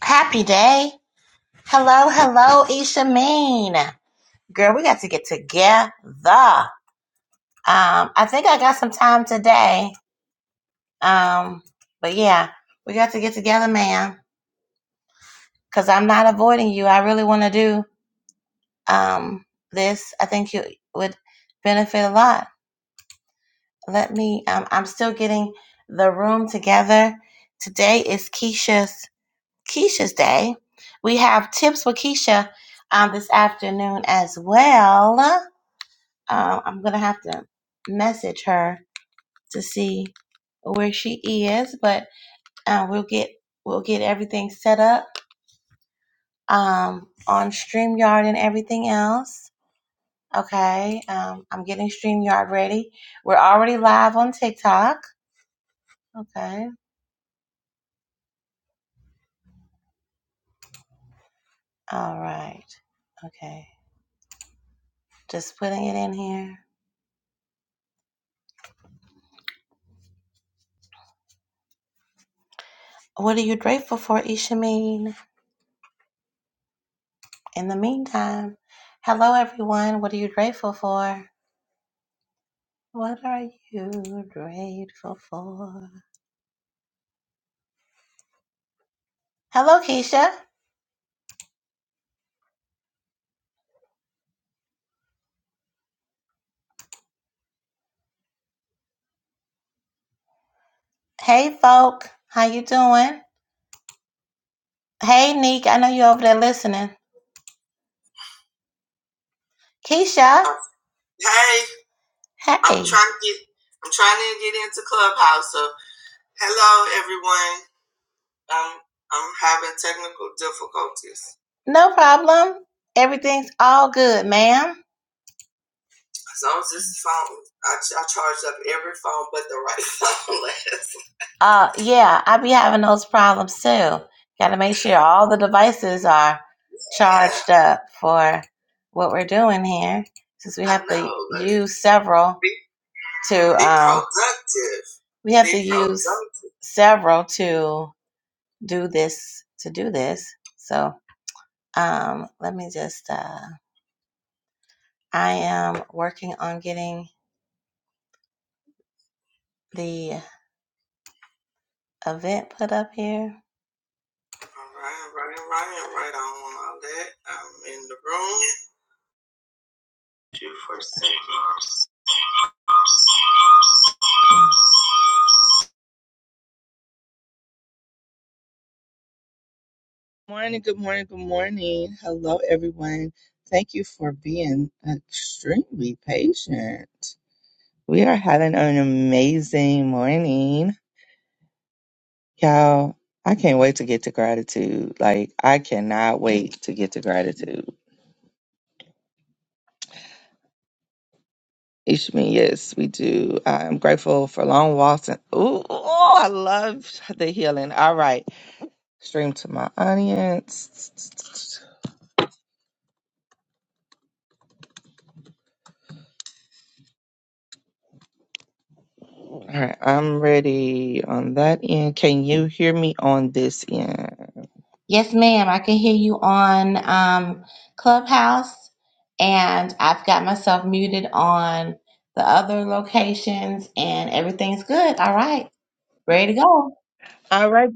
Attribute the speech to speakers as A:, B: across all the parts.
A: Happy day. Hello, hello, Isha Mean. Girl, we got to get together. Um, I think I got some time today. Um, but yeah, we got to get together, man. Cause I'm not avoiding you. I really want to do um this. I think you would benefit a lot. Let me um I'm still getting the room together. Today is Keisha's Keisha's day. We have tips with Keisha um this afternoon as well Um, I'm gonna have to message her to see where she is, but uh, we'll get we'll get everything set up um, on Streamyard and everything else. Okay, um, I'm getting Streamyard ready. We're already live on TikTok. Okay, all right. Okay, just putting it in here. What are you grateful for, Ishameen? In the meantime, hello everyone. What are you grateful for? What are you grateful for? Hello, Keisha. Hey, folk. How you doing? Hey, Neek. I know you're over there listening. Keisha. Hey, Hey. I'm trying to get I'm trying to get into Clubhouse. So hello everyone. Um I'm having technical difficulties. No problem. Everything's all good, ma'am. So I as just phone, I, I charged up every phone but the right phone last. Uh, yeah, I be having those problems too. Got to make sure all the devices are Yeah, charged up for what we're doing here, since we have to know. Like, use several be, to. be Um, productive. we have Be to use productive. several to do this. To do this, so um, let me just. Uh, I am working on getting the Event put up here. All right, right, right, right on all that. I'm in the room. Two for six.
B: Morning, good morning, good morning. Hello, everyone. Thank you for being extremely patient. We are having an amazing morning. Y'all, I can't wait to get to gratitude. Like, I cannot wait to get to gratitude. Ishmi, yes, we do. I'm grateful for long walks and ooh, ooh, I love the healing. All right, stream to my audience. All right, I'm ready on that end. Can you hear me on this end?
A: Yes, ma'am. I can hear you on um, Clubhouse, and I've got myself muted on the other locations, and everything's good. All right, ready to go.
B: All right.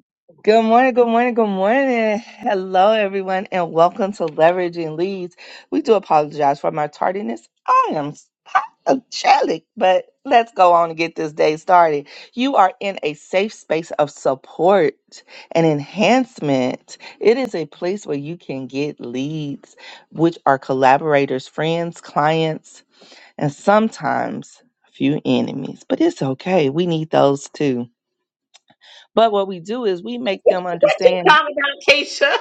B: Good morning, good morning, good morning. Hello, everyone, and welcome to Leveraging Leads. We do apologize for my tardiness. I am apologetic, but let's go on and get this day started. You are in a safe space of support and enhancement. It is a place where you can get leads, which are collaborators, friends, clients, and sometimes a few enemies. But it's okay. We need those too. But what we do is we make them understand
A: Time about Keisha.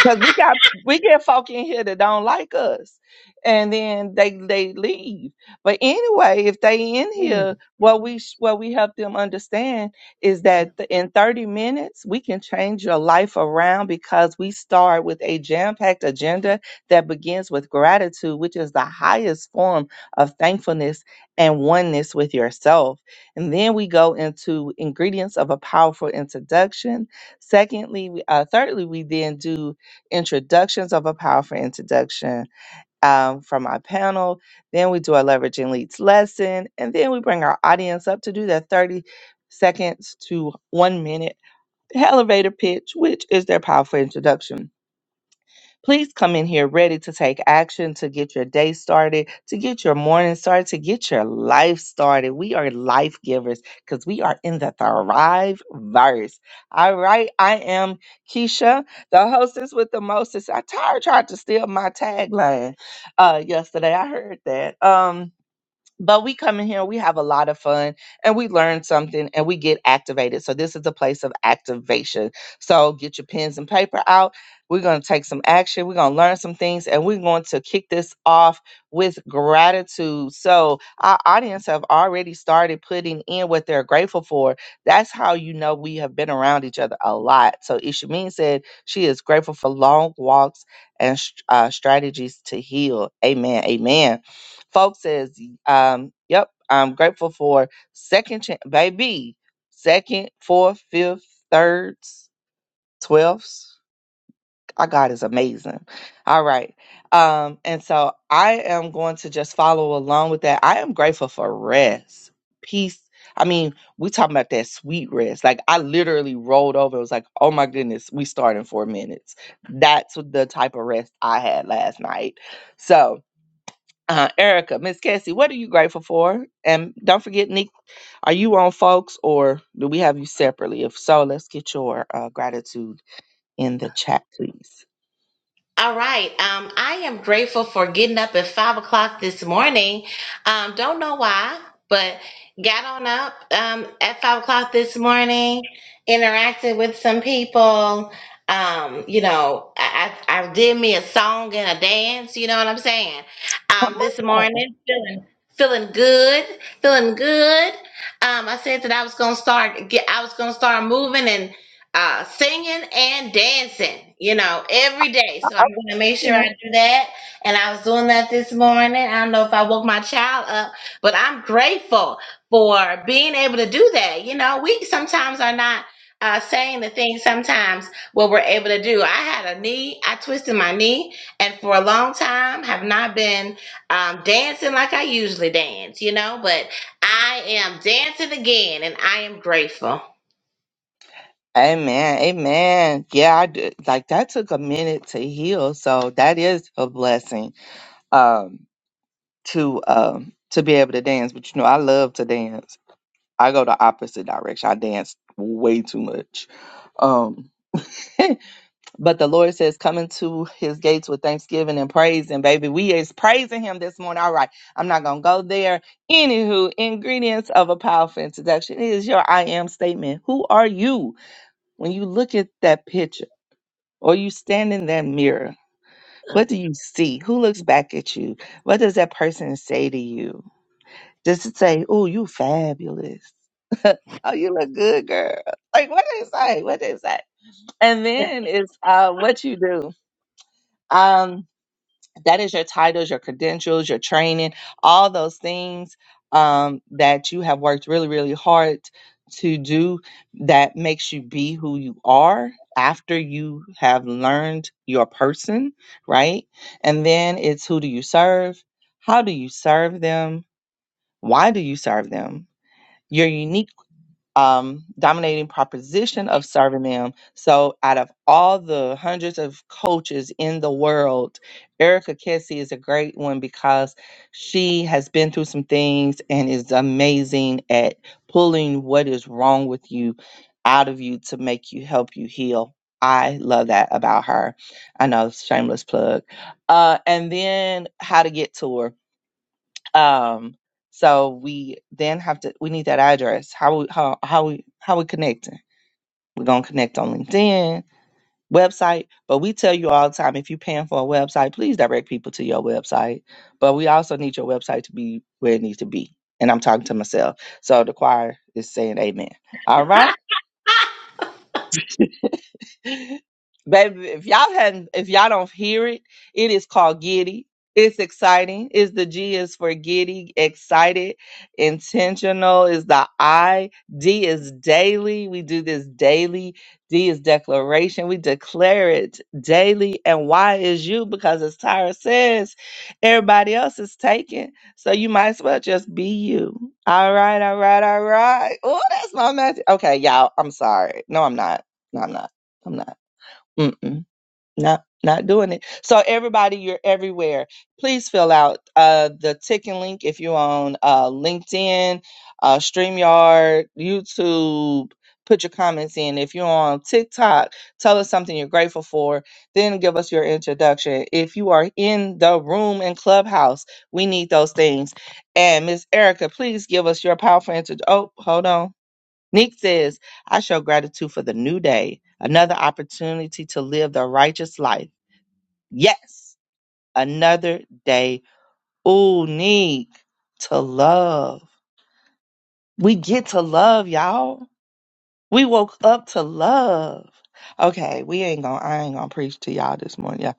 B: because we got we get folk in here that don't like us and then they they leave but anyway if they in here what we sh- what we help them understand is that th- in 30 minutes we can change your life around because we start with a jam-packed agenda that begins with gratitude which is the highest form of thankfulness and oneness with yourself and then we go into ingredients of a powerful introduction secondly we- uh, thirdly we then do introductions of a powerful introduction um, from our panel. Then we do a leveraging leads lesson. And then we bring our audience up to do their 30 seconds to one minute elevator pitch, which is their powerful introduction. Please come in here ready to take action, to get your day started, to get your morning started, to get your life started. We are life givers because we are in the Thrive verse. All right, I am Keisha, the hostess with the mostest. I tired tried to steal my tagline uh, yesterday. I heard that. Um, but we come in here we have a lot of fun and we learn something and we get activated so this is a place of activation so get your pens and paper out we're going to take some action we're going to learn some things and we're going to kick this off with gratitude so our audience have already started putting in what they're grateful for that's how you know we have been around each other a lot so ishamin said she is grateful for long walks and st- uh, strategies to heal amen amen Folks says, um, yep, I'm grateful for second chance, baby, second, fourth, fifth, thirds, twelfths. Our God is amazing. All right. Um, and so I am going to just follow along with that. I am grateful for rest, peace. I mean, we talking about that sweet rest. Like I literally rolled over. It was like, oh my goodness, we start in four minutes. That's what the type of rest I had last night. So uh, Erica, Miss Cassie, what are you grateful for? And don't forget, Nick, are you on folks or do we have you separately? If so, let's get your uh, gratitude in the chat, please.
A: All right. Um, I am grateful for getting up at five o'clock this morning. Um, don't know why, but got on up um, at five o'clock this morning, interacted with some people. Um, you know, I, I I did me a song and a dance. You know what I'm saying?
B: Come
A: Um, this
B: on.
A: morning, feeling feeling good, feeling good. Um, I said that I was gonna start get, I was gonna start moving and uh, singing and dancing, you know, every day. So I'm going to make sure I
B: Okay.
A: do that. And I was doing that this morning. I don't know if I woke my child up, but I'm grateful for being able to do that. You know, we sometimes are not. Uh, saying the things sometimes what we're able to do. I had a knee, I twisted my knee, and for a long time have not been um, dancing like I usually dance, you know. But I am dancing again, and I am grateful.
B: Amen. Amen. Yeah, I did. Like that took a minute to heal. So that is a blessing um, to um, to be able to dance. But you know, I love to dance. I go the opposite direction. I dance way too much. Um, But the Lord says, come into his gates with thanksgiving and praise. And baby, we is praising him this morning. All right. I'm not going to go there. Anywho, ingredients of a powerful introduction is your I am statement. Who are you when you look at that picture or you stand in that mirror? What do you see? Who looks back at you? What does that person say to you? Does it say, oh, you fabulous? oh, you look good, girl. Like, what what is that? What is that? And then it's uh, what you do. Um, that is your titles, your credentials, your training, all those things um, that you have worked really, really hard to do that makes you be who you are after you have learned your person, right? And then it's who do you serve? How do you serve them? Why do you serve them? Your unique um, dominating proposition of serving them. So, out of all the hundreds of coaches in the world, Erica Kessie is a great one because she has been through some things and is amazing at pulling what is wrong with you out of you to make you help you heal. I love that about her. I know, shameless plug. Uh, and then how to get to her. Um, so we then have to we need that address. How we how how we how we connecting? We're gonna connect on LinkedIn, website, but we tell you all the time if you're paying for a website, please direct people to your website. But we also need your website to be where it needs to be. And I'm talking to myself. So the choir is saying amen. All right. Baby, if y'all hadn't, if y'all don't hear it, it is called giddy. It's exciting. Is the G is for giddy, excited, intentional is the I. D is daily. We do this daily. D is declaration. We declare it daily. And Y is you because as Tyra says, everybody else is taken. So you might as well just be you. All right, all right, all right. Oh, that's my magic. Okay, y'all. I'm sorry. No, I'm not. No, I'm not. I'm not. Mm-mm, not not doing it. So everybody, you're everywhere. Please fill out uh, the ticking link if you're on uh, LinkedIn, uh, Streamyard, YouTube. Put your comments in. If you're on TikTok, tell us something you're grateful for. Then give us your introduction. If you are in the room in Clubhouse, we need those things. And Miss Erica, please give us your powerful introduction. Oh, hold on. Neek says, I show gratitude for the new day, another opportunity to live the righteous life. Yes, another day. Ooh, Neek, to love. We get to love, y'all. We woke up to love. Okay, we ain't gonna, I ain't gonna preach to y'all this morning. y'all.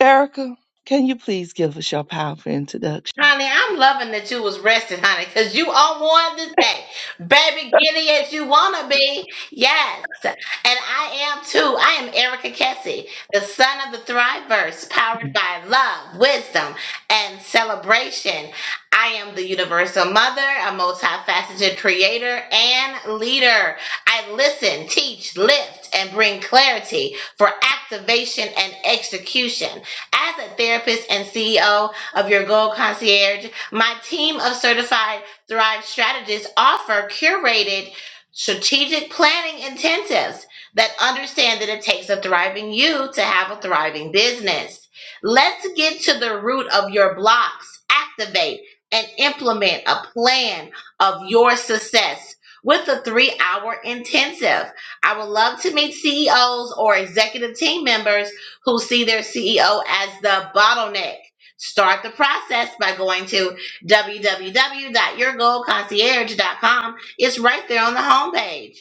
B: Erica, can you please give us your powerful introduction?
A: Honey, I'm loving that you was rested, honey, because you on one this day. Baby giddy as you wanna be. Yes. And I am too. I am Erica Kessie, the son of the Thriverse, powered by love, wisdom, and celebration. I am the universal mother, a multifaceted creator and leader. I listen, teach, lift, and bring clarity for activation and execution. As a therapist and CEO, of your gold concierge. My team of certified Thrive strategists offer curated strategic planning intensives that understand that it takes a thriving you to have a thriving business. Let's get to the root of your blocks, activate and implement a plan of your success with the three hour intensive. I would love to meet CEOs or executive team members who see their CEO as the bottleneck Start the process by going to www.yourgoalconcierge.com. It's right there on the homepage.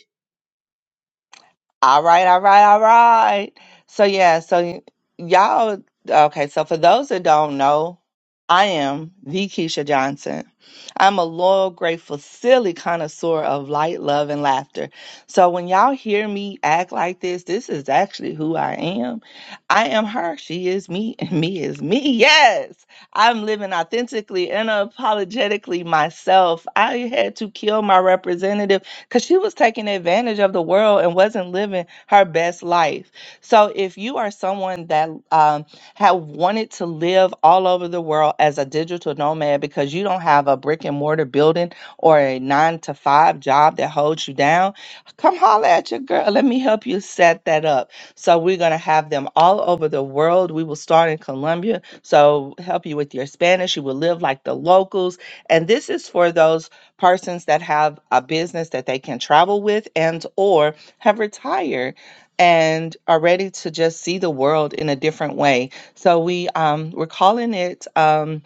B: All right, all right, all right. So yeah, so y- y'all okay, so for those that don't know, I am the Keisha Johnson. I'm a loyal, grateful, silly connoisseur of light, love, and laughter. So when y'all hear me act like this, this is actually who I am. I am her. She is me, and me is me. Yes. I'm living authentically and apologetically myself. I had to kill my representative because she was taking advantage of the world and wasn't living her best life. So if you are someone that um, have wanted to live all over the world as a digital nomad because you don't have a brick and mortar building or a nine to five job that holds you down, come holler at your girl. Let me help you set that up. So we're gonna have them all over the world. We will start in Colombia. So help you with your Spanish. You will live like the locals. And this is for those persons that have a business that they can travel with and or have retired and are ready to just see the world in a different way. So we um, we're calling it. Um,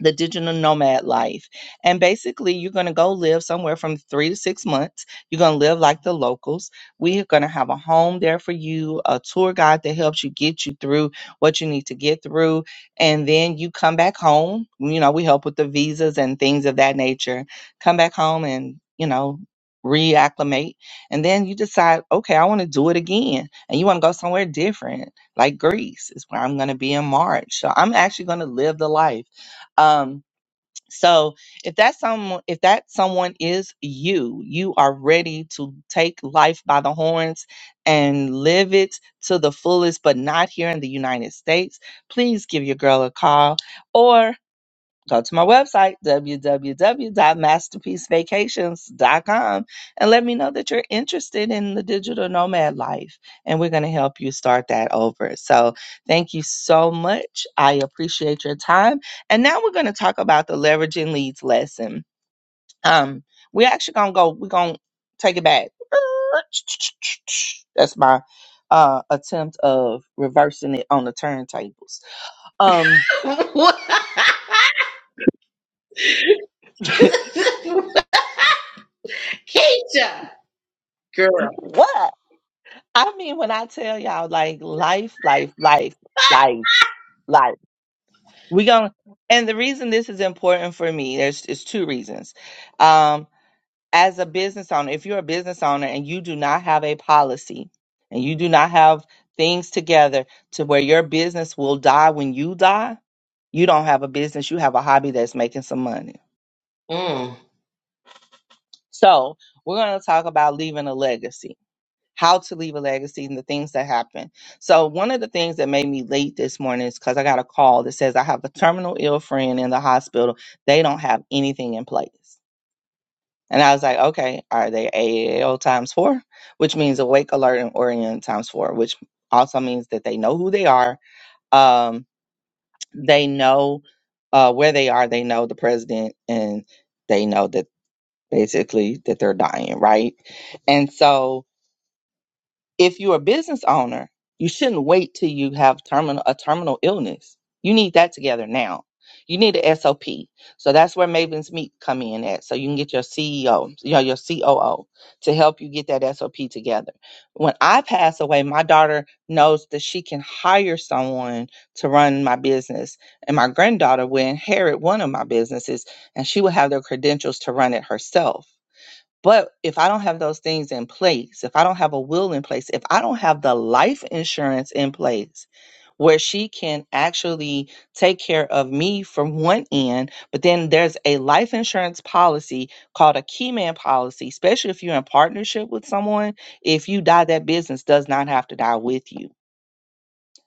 B: the digital nomad life. And basically, you're going to go live somewhere from three to six months. You're going to live like the locals. We are going to have a home there for you, a tour guide that helps you get you through what you need to get through. And then you come back home. You know, we help with the visas and things of that nature. Come back home and, you know, reacclimate. And then you decide, okay, I want to do it again. And you want to go somewhere different, like Greece is where I'm going to be in March. So I'm actually going to live the life um, so if that's someone, if that someone is you, you are ready to take life by the horns and live it to the fullest, but not here in the United States. Please give your girl a call, or go to my website w w w dot masterpiece vacations dot com and let me know that you're interested in the digital nomad life and we're going to help you start that over so thank you so much i appreciate your time and now we're going to talk about the leveraging leads lesson um we're actually going to go we're going to take it back that's my uh attempt of reversing it on the turntables um
A: Keisha, girl.
B: what I mean, when I tell y'all, like life, life, life, life, life. We going and the reason this is important for me, there's is two reasons. Um, as a business owner, if you're a business owner and you do not have a policy and you do not have things together to where your business will die when you die, you don't have a business. You have a hobby that's making some money.
A: Mm.
B: So we're going to talk about leaving a legacy. how to leave a legacy and the things that happen. So one of the things that made me late this morning is because I got a call that says I have a terminal ill friend in the hospital. They don't have anything in place. And I was like, okay, are they AAL times four? Which means awake, alert, and oriented times four, which also means that they know who they are. Um, they know uh, where they are. They know the president and they know that basically that they're dying, right? And so if you're a business owner, you shouldn't wait till you have terminal a terminal illness. You need that together now. You need a SOP. So that's where Maven's Meet come in at. So you can get your CEO, you know, your COO to help you get that SOP together. When I pass away, my daughter knows that she can hire someone to run my business. And my granddaughter will inherit one of my businesses and she will have their credentials to run it herself but if I don't have those things in place, if I don't have a will in place, if I don't have the life insurance in place where she can actually take care of me from one end, but then there's a life insurance policy called a key man policy, especially if you're in partnership with someone, if you die, that business does not have to die with you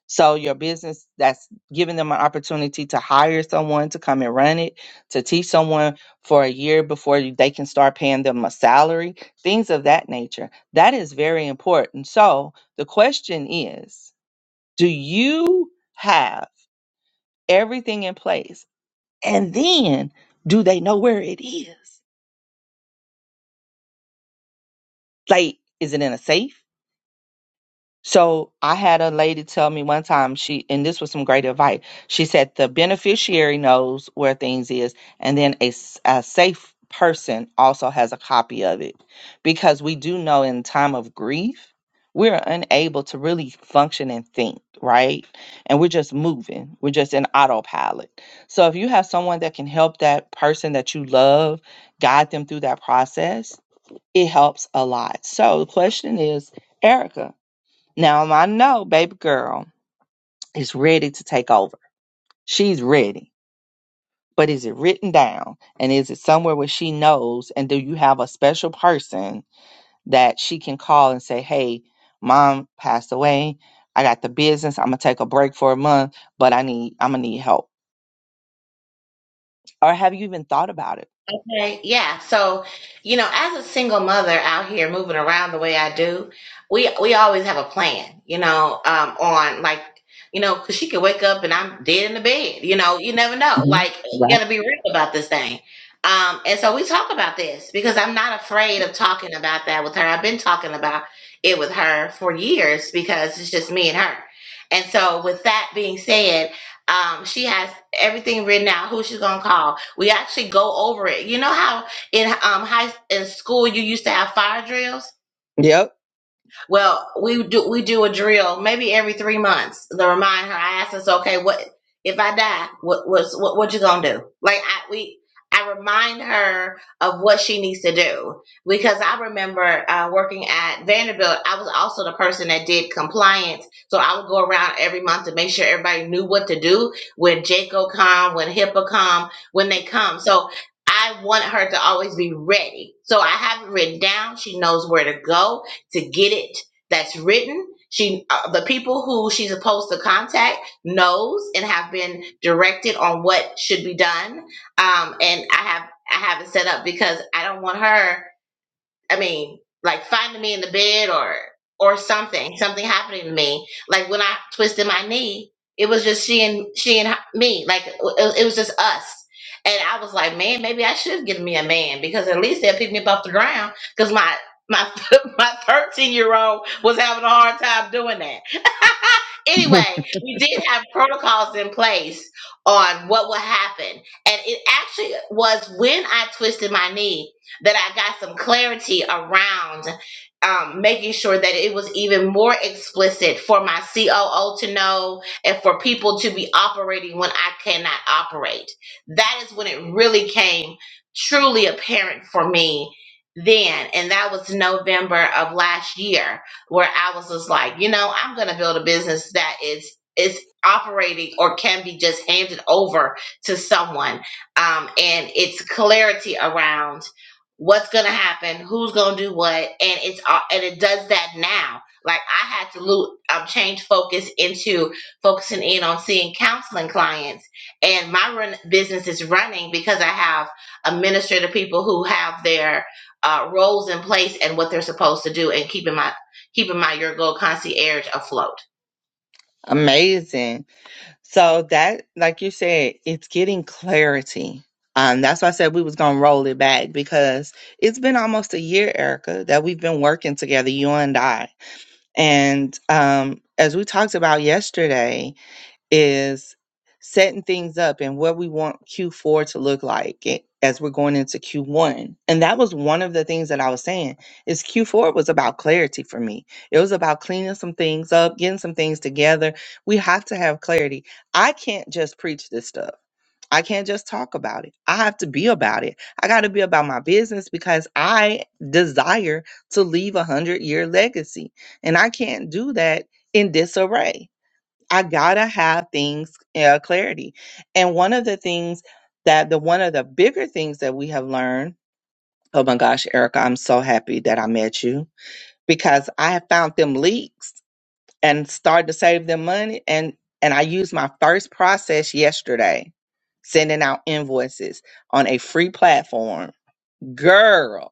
B: so your business that's giving them an opportunity to hire someone to come and run it, to teach someone for a year before you- they can start paying them a salary, things of that nature. That is very important. So the question is, do you have everything in place? And then do they know where it is? Like is it in a safe? So I had a lady tell me one time she and this was some great advice. She said the beneficiary knows where things is and then a, s- a safe person also has a copy of it because we do know in time of grief we're unable to really function and think, right? And we're just moving. We're just in autopilot. So if you have someone that can help that person that you love guide them through that process, it helps a lot. So the question is, Erica, now um, I know baby girl is ready to take over. She's ready. But is it written down? And is it somewhere where she knows? And do you have a special person that she can call and say, hey, mom passed away. I got the business. I'm going to take a break for a month, but I need, I'm going to need help. Or have you even thought about it?
A: Okay, yeah. So, you know, as a single mother out here moving around the way I do, we we always have a plan, you know, um, on like, you know, 'cause she could wake up and I'm dead in the bed. You know, you never know.
B: Mhm.
A: Like, we
B: Right.
A: gotta be real about this thing. Um, and so we talk about this because I'm not afraid of talking about that with her. I've been talking about it with her for years because it's just me and her. And so, with that being said, um, she has everything written out, who she's gonna call we actually go over it. You know how in um high in school you used to have fire drills?
B: Yep.
A: Well, we do we do a drill maybe every three months to remind her. I ask us, okay, what if I die? What was what what you gonna do? Like I we I remind her of what she needs to do because I remember uh, working at Vanderbilt. I was also the person that did compliance, so I would go around every month to make sure everybody knew what to do when JCO come, when HIPAA come, when they come. So. I want her to always be ready. So I have it written down. She knows where to go to get it that's written. She, uh, the people who she's supposed to contact knows and have been directed on what should be done. Um, and I have, I have it set up because I don't want her I mean, like finding me in the bed or or something, something happening to me. Like when I twisted my knee, it was just she and she and me. Like it, it was just us. And I was like, man, maybe I should get me a man because at least they'll pick me up off the ground. Because my my my thirteen year old was having a hard time doing that. anyway, we did have protocols in place on what would happen, and it actually was when I twisted my knee that I got some clarity around um, making sure that it was even more explicit for my COO to know and for people to be operating when I cannot operate. That is when it really came truly apparent for me then. And that was November of last year, where I was just like, you know, I'm going to build a business that is. Is operating or can be just handed over to someone, um, and it's clarity around what's gonna happen, who's gonna do what, and it's all and it does that now. Like I had to loot, um, change focus into focusing in on seeing counseling clients, and my run business is running because I have administrative people who have their uh, roles in place and what they're supposed to do, and keeping my Keeping my mind, your goal concierge afloat.
B: Amazing. So that, like you said, it's getting clarity. Um, that's why I said we was gonna roll it back because it's been almost a year, Erica, that we've been working together, you and I. And um, as we talked about yesterday, is setting things up and what we want Q4 to look like a- as we're going into Q1. And that was one of the things that I was saying is Q4 was about clarity for me. It was about cleaning some things up, getting some things together. We have to have clarity. I can't just preach this stuff. I can't just talk about it. I have to be about it. I got to be about my business because I desire to leave a 100 year legacy. And I can't do that in disarray. I gotta have things uh, clarity. And one of the things that the one of the bigger things that we have learned. Oh my gosh, Erica, I'm so happy that I met you because I have found them leaks and started to save them money. And and I used my first process yesterday, sending out invoices on a free platform. Girl,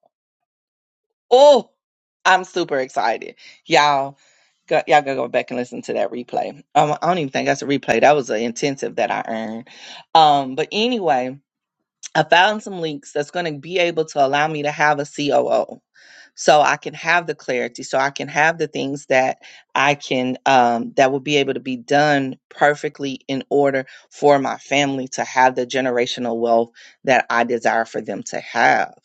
B: oh, I'm super excited, y'all Go, y'all gotta go back and listen to that replay. Um, I don't even think that's a replay. That was an intensive that I earned. Um, but anyway, I found some links that's going to be able to allow me to have a COO. So I can have the clarity, so I can have the things that I can, um, that will be able to be done perfectly in order for my family to have the generational wealth that I desire for them to have.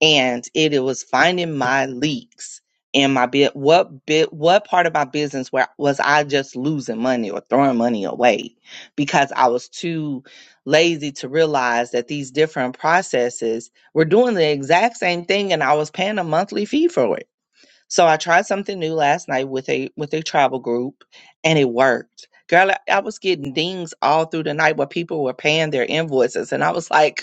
B: And it, it was finding my leaks in my bit. What bit, what part of my business where was I just losing money or throwing money away because I was too lazy to realize that these different processes were doing the exact same thing and I was paying a monthly fee for it. So I tried something new last night with a with a travel group and it worked. Girl, I I was getting dings all through the night where people were paying their invoices and I was like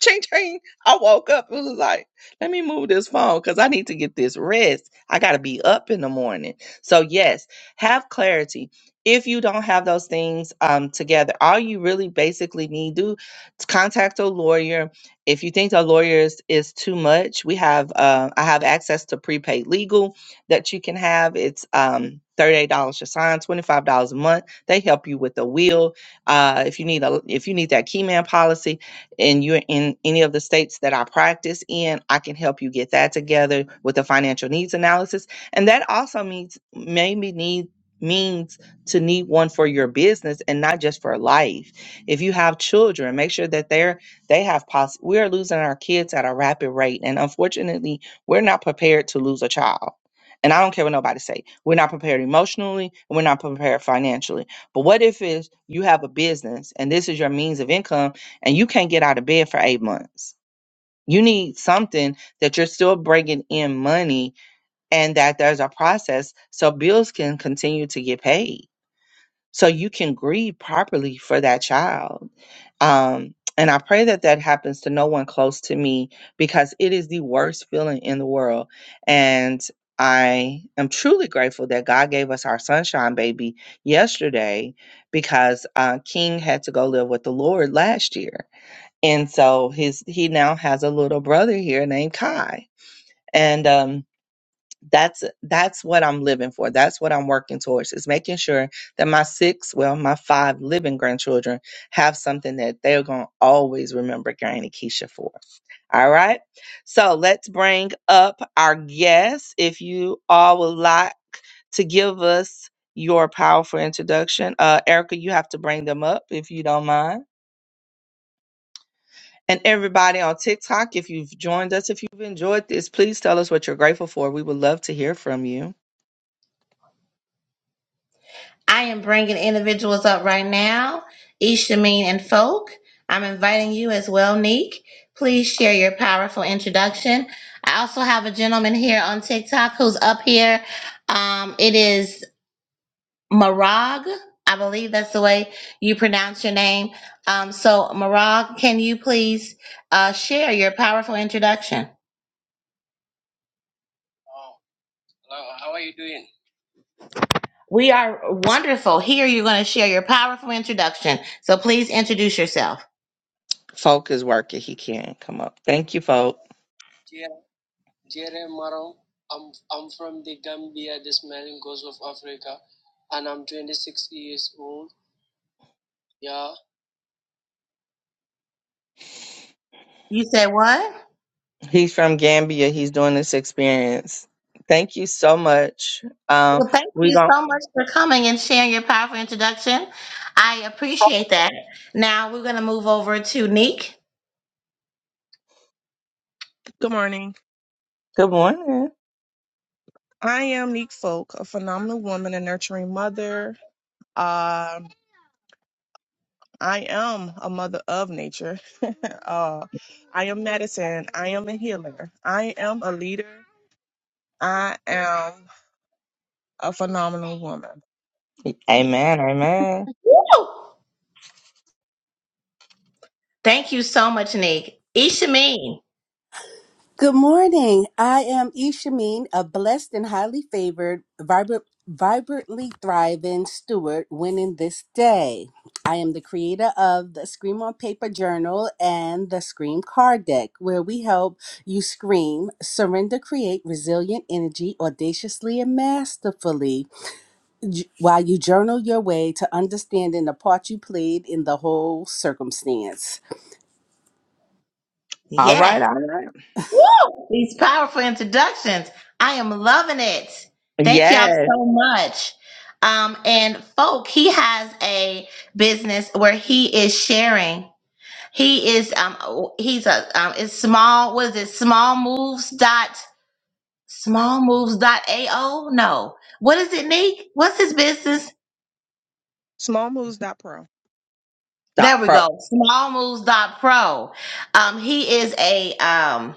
B: ching ching. I woke up. It was like, let me move this phone because I need to get this rest. I gotta be up in the morning. So yes, have clarity. If you don't have those things um, together, all you really basically need to do is contact a lawyer. If you think the lawyer is, is too much, we have uh, I have access to prepaid legal that you can have. It's um, $38 to sign, $25 a month. They help you with the will. Uh, if you need a if you need that key man policy, and you're in any of the states that I practice in, I can help you get that together with a financial needs analysis. And that also means maybe need means to need one for your business and not just for life. If you have children, make sure that they're they have poss we are losing our kids at a rapid rate. And unfortunately, we're not prepared to lose a child. And I don't care what nobody say. We're not prepared emotionally and we're not prepared financially. But what if it's you have a business and this is your means of income and you can't get out of bed for eight months. You need something that you're still bringing in money and that there's a process so bills can continue to get paid. So you can grieve properly for that child. Um, and I pray that that happens to no one close to me because it is the worst feeling in the world. And I am truly grateful that God gave us our sunshine baby yesterday because uh, King had to go live with the Lord last year and so his he now has a little brother here named Kai. And um that's that's what I'm living for. That's what I'm working towards is making sure that my six, well, my five living grandchildren have something that they're gonna always remember Granny Keisha for. All right. So let's bring up our guest. If you all would like to give us your powerful introduction, uh, Erica, you have to bring them up if you don't mind. And everybody on TikTok, if you've joined us, if you've enjoyed this, please tell us what you're grateful for. We would love to hear from you.
A: I am bringing individuals up right now, Ishameen and Folk. I'm inviting you as well, Neek. Please share your powerful introduction. I also have a gentleman here on TikTok who's up here. Um, it is Marag. I believe that's the way you pronounce your name. Um, so, Marag, can you please uh, share your powerful introduction? We are wonderful. Here, you're going to share your powerful introduction. So, please introduce yourself.
B: Folk is working. He can't come up. Thank you, Folk.
A: You said what?
B: He's from Gambia. He's doing this experience. Thank you so much. Um,
A: Well, thank
B: we
A: you
B: gon'
A: so much for coming and sharing your powerful introduction. I appreciate that. Now we're going to move over to Neek.
C: Good morning.
B: good morning.
C: I am Neek Folk, a phenomenal woman and nurturing mother. Um, I am a mother of nature. uh, I am medicine. I am a healer. I am a leader. I am a phenomenal woman. Me.
B: Amen. Amen.
A: Woo! Thank you so much, Nick. Ishameen.
D: Good morning. I am Ishameen, a blessed and highly favored, vibrant, vibrantly thriving steward winning this day. I am the creator of the Scream on Paper Journal and the Scream Card Deck, where we help you scream, surrender, create resilient energy audaciously and masterfully j- while you journal your way to understanding the part you played in the whole circumstance.
B: All right,
A: Yes.
B: all right.
A: Woo! These powerful introductions. I am loving it. Thank y'all
B: Yes.
A: so much. Um, and folk, he has a business where he is sharing. He is um he's a um it's small what is it small moves dot small moves dot AO? No. What is it, Nick? What's his business?
C: Small moves. dot Pro.
B: Dot
A: There we
B: pro.
A: go. Small moves dot pro. Um he is a um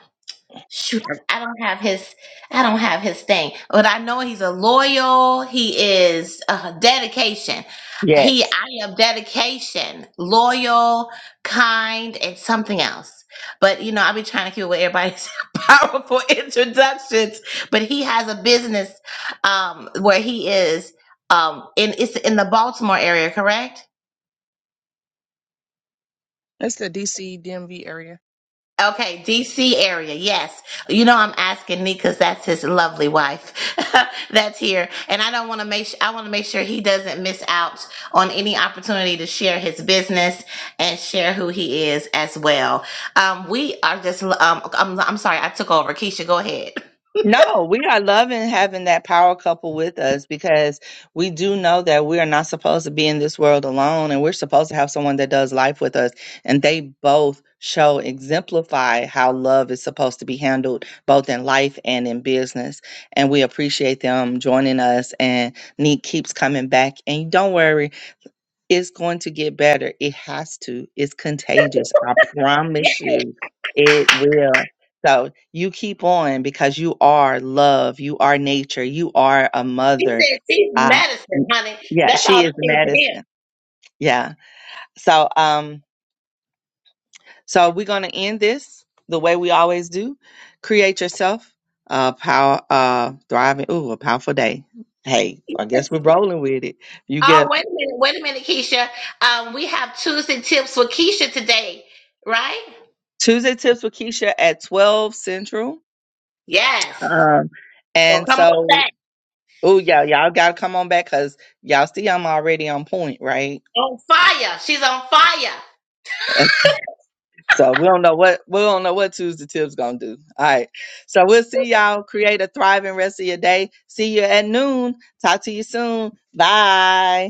A: shoot I I don't have his I don't have his thing but I know he's a loyal he is uh, dedication
B: Yes.
A: he I am dedication loyal kind and something else but you know I'll be trying to keep it with everybody's powerful introductions but he has a business um where he is um in it's in the Baltimore area correct
C: It's the DC DMV area.
A: Okay, DC area. Yes. You know I'm asking me cuz that's his lovely wife that's here and I don't want to make su- I want to make sure he doesn't miss out on any opportunity to share his business and share who he is as well. Um we are just um I'm, I'm sorry I took over. Keisha, go ahead.
B: No, we are loving having that power couple with us because we do know that we are not supposed to be in this world alone and we're supposed to have someone that does life with us. And they both show, exemplify how love is supposed to be handled both in life and in business. And we appreciate them joining us. And Neek keeps coming back. And don't worry. It's going to get better. It has to. It's contagious. I
A: Yeah,
B: promise you it will. So you keep on because you are love. You are nature. You are a
A: she
B: mother.
A: said she's
B: Uh,
A: medicine,
B: m-
A: honey.
B: yeah,
A: That's all
B: she
A: I
B: is
A: need to hear.
B: medicine. Yeah. So um so we're gonna end this the way we always do. Create yourself a power uh thriving ooh, a powerful day. Hey,
A: Yes.
B: I guess we're rolling with it. You
A: Oh,
B: get
A: wait a minute, wait a minute, Keisha. Um, we have Tuesday tips with Keisha today, right?
B: Tuesday tips with Keisha at twelve central.
A: Yes.
B: Um,
A: So
B: and
A: come on
B: so,
A: back.
B: oh yeah, y'all gotta come on back because y'all see I'm already on point, right?
A: On fire. She's on fire.
B: So we don't know what we don't know what Tuesday Tips gonna do. All right, so we'll see y'all. Create a thriving rest of your day. See you at noon. Talk to you soon. Bye.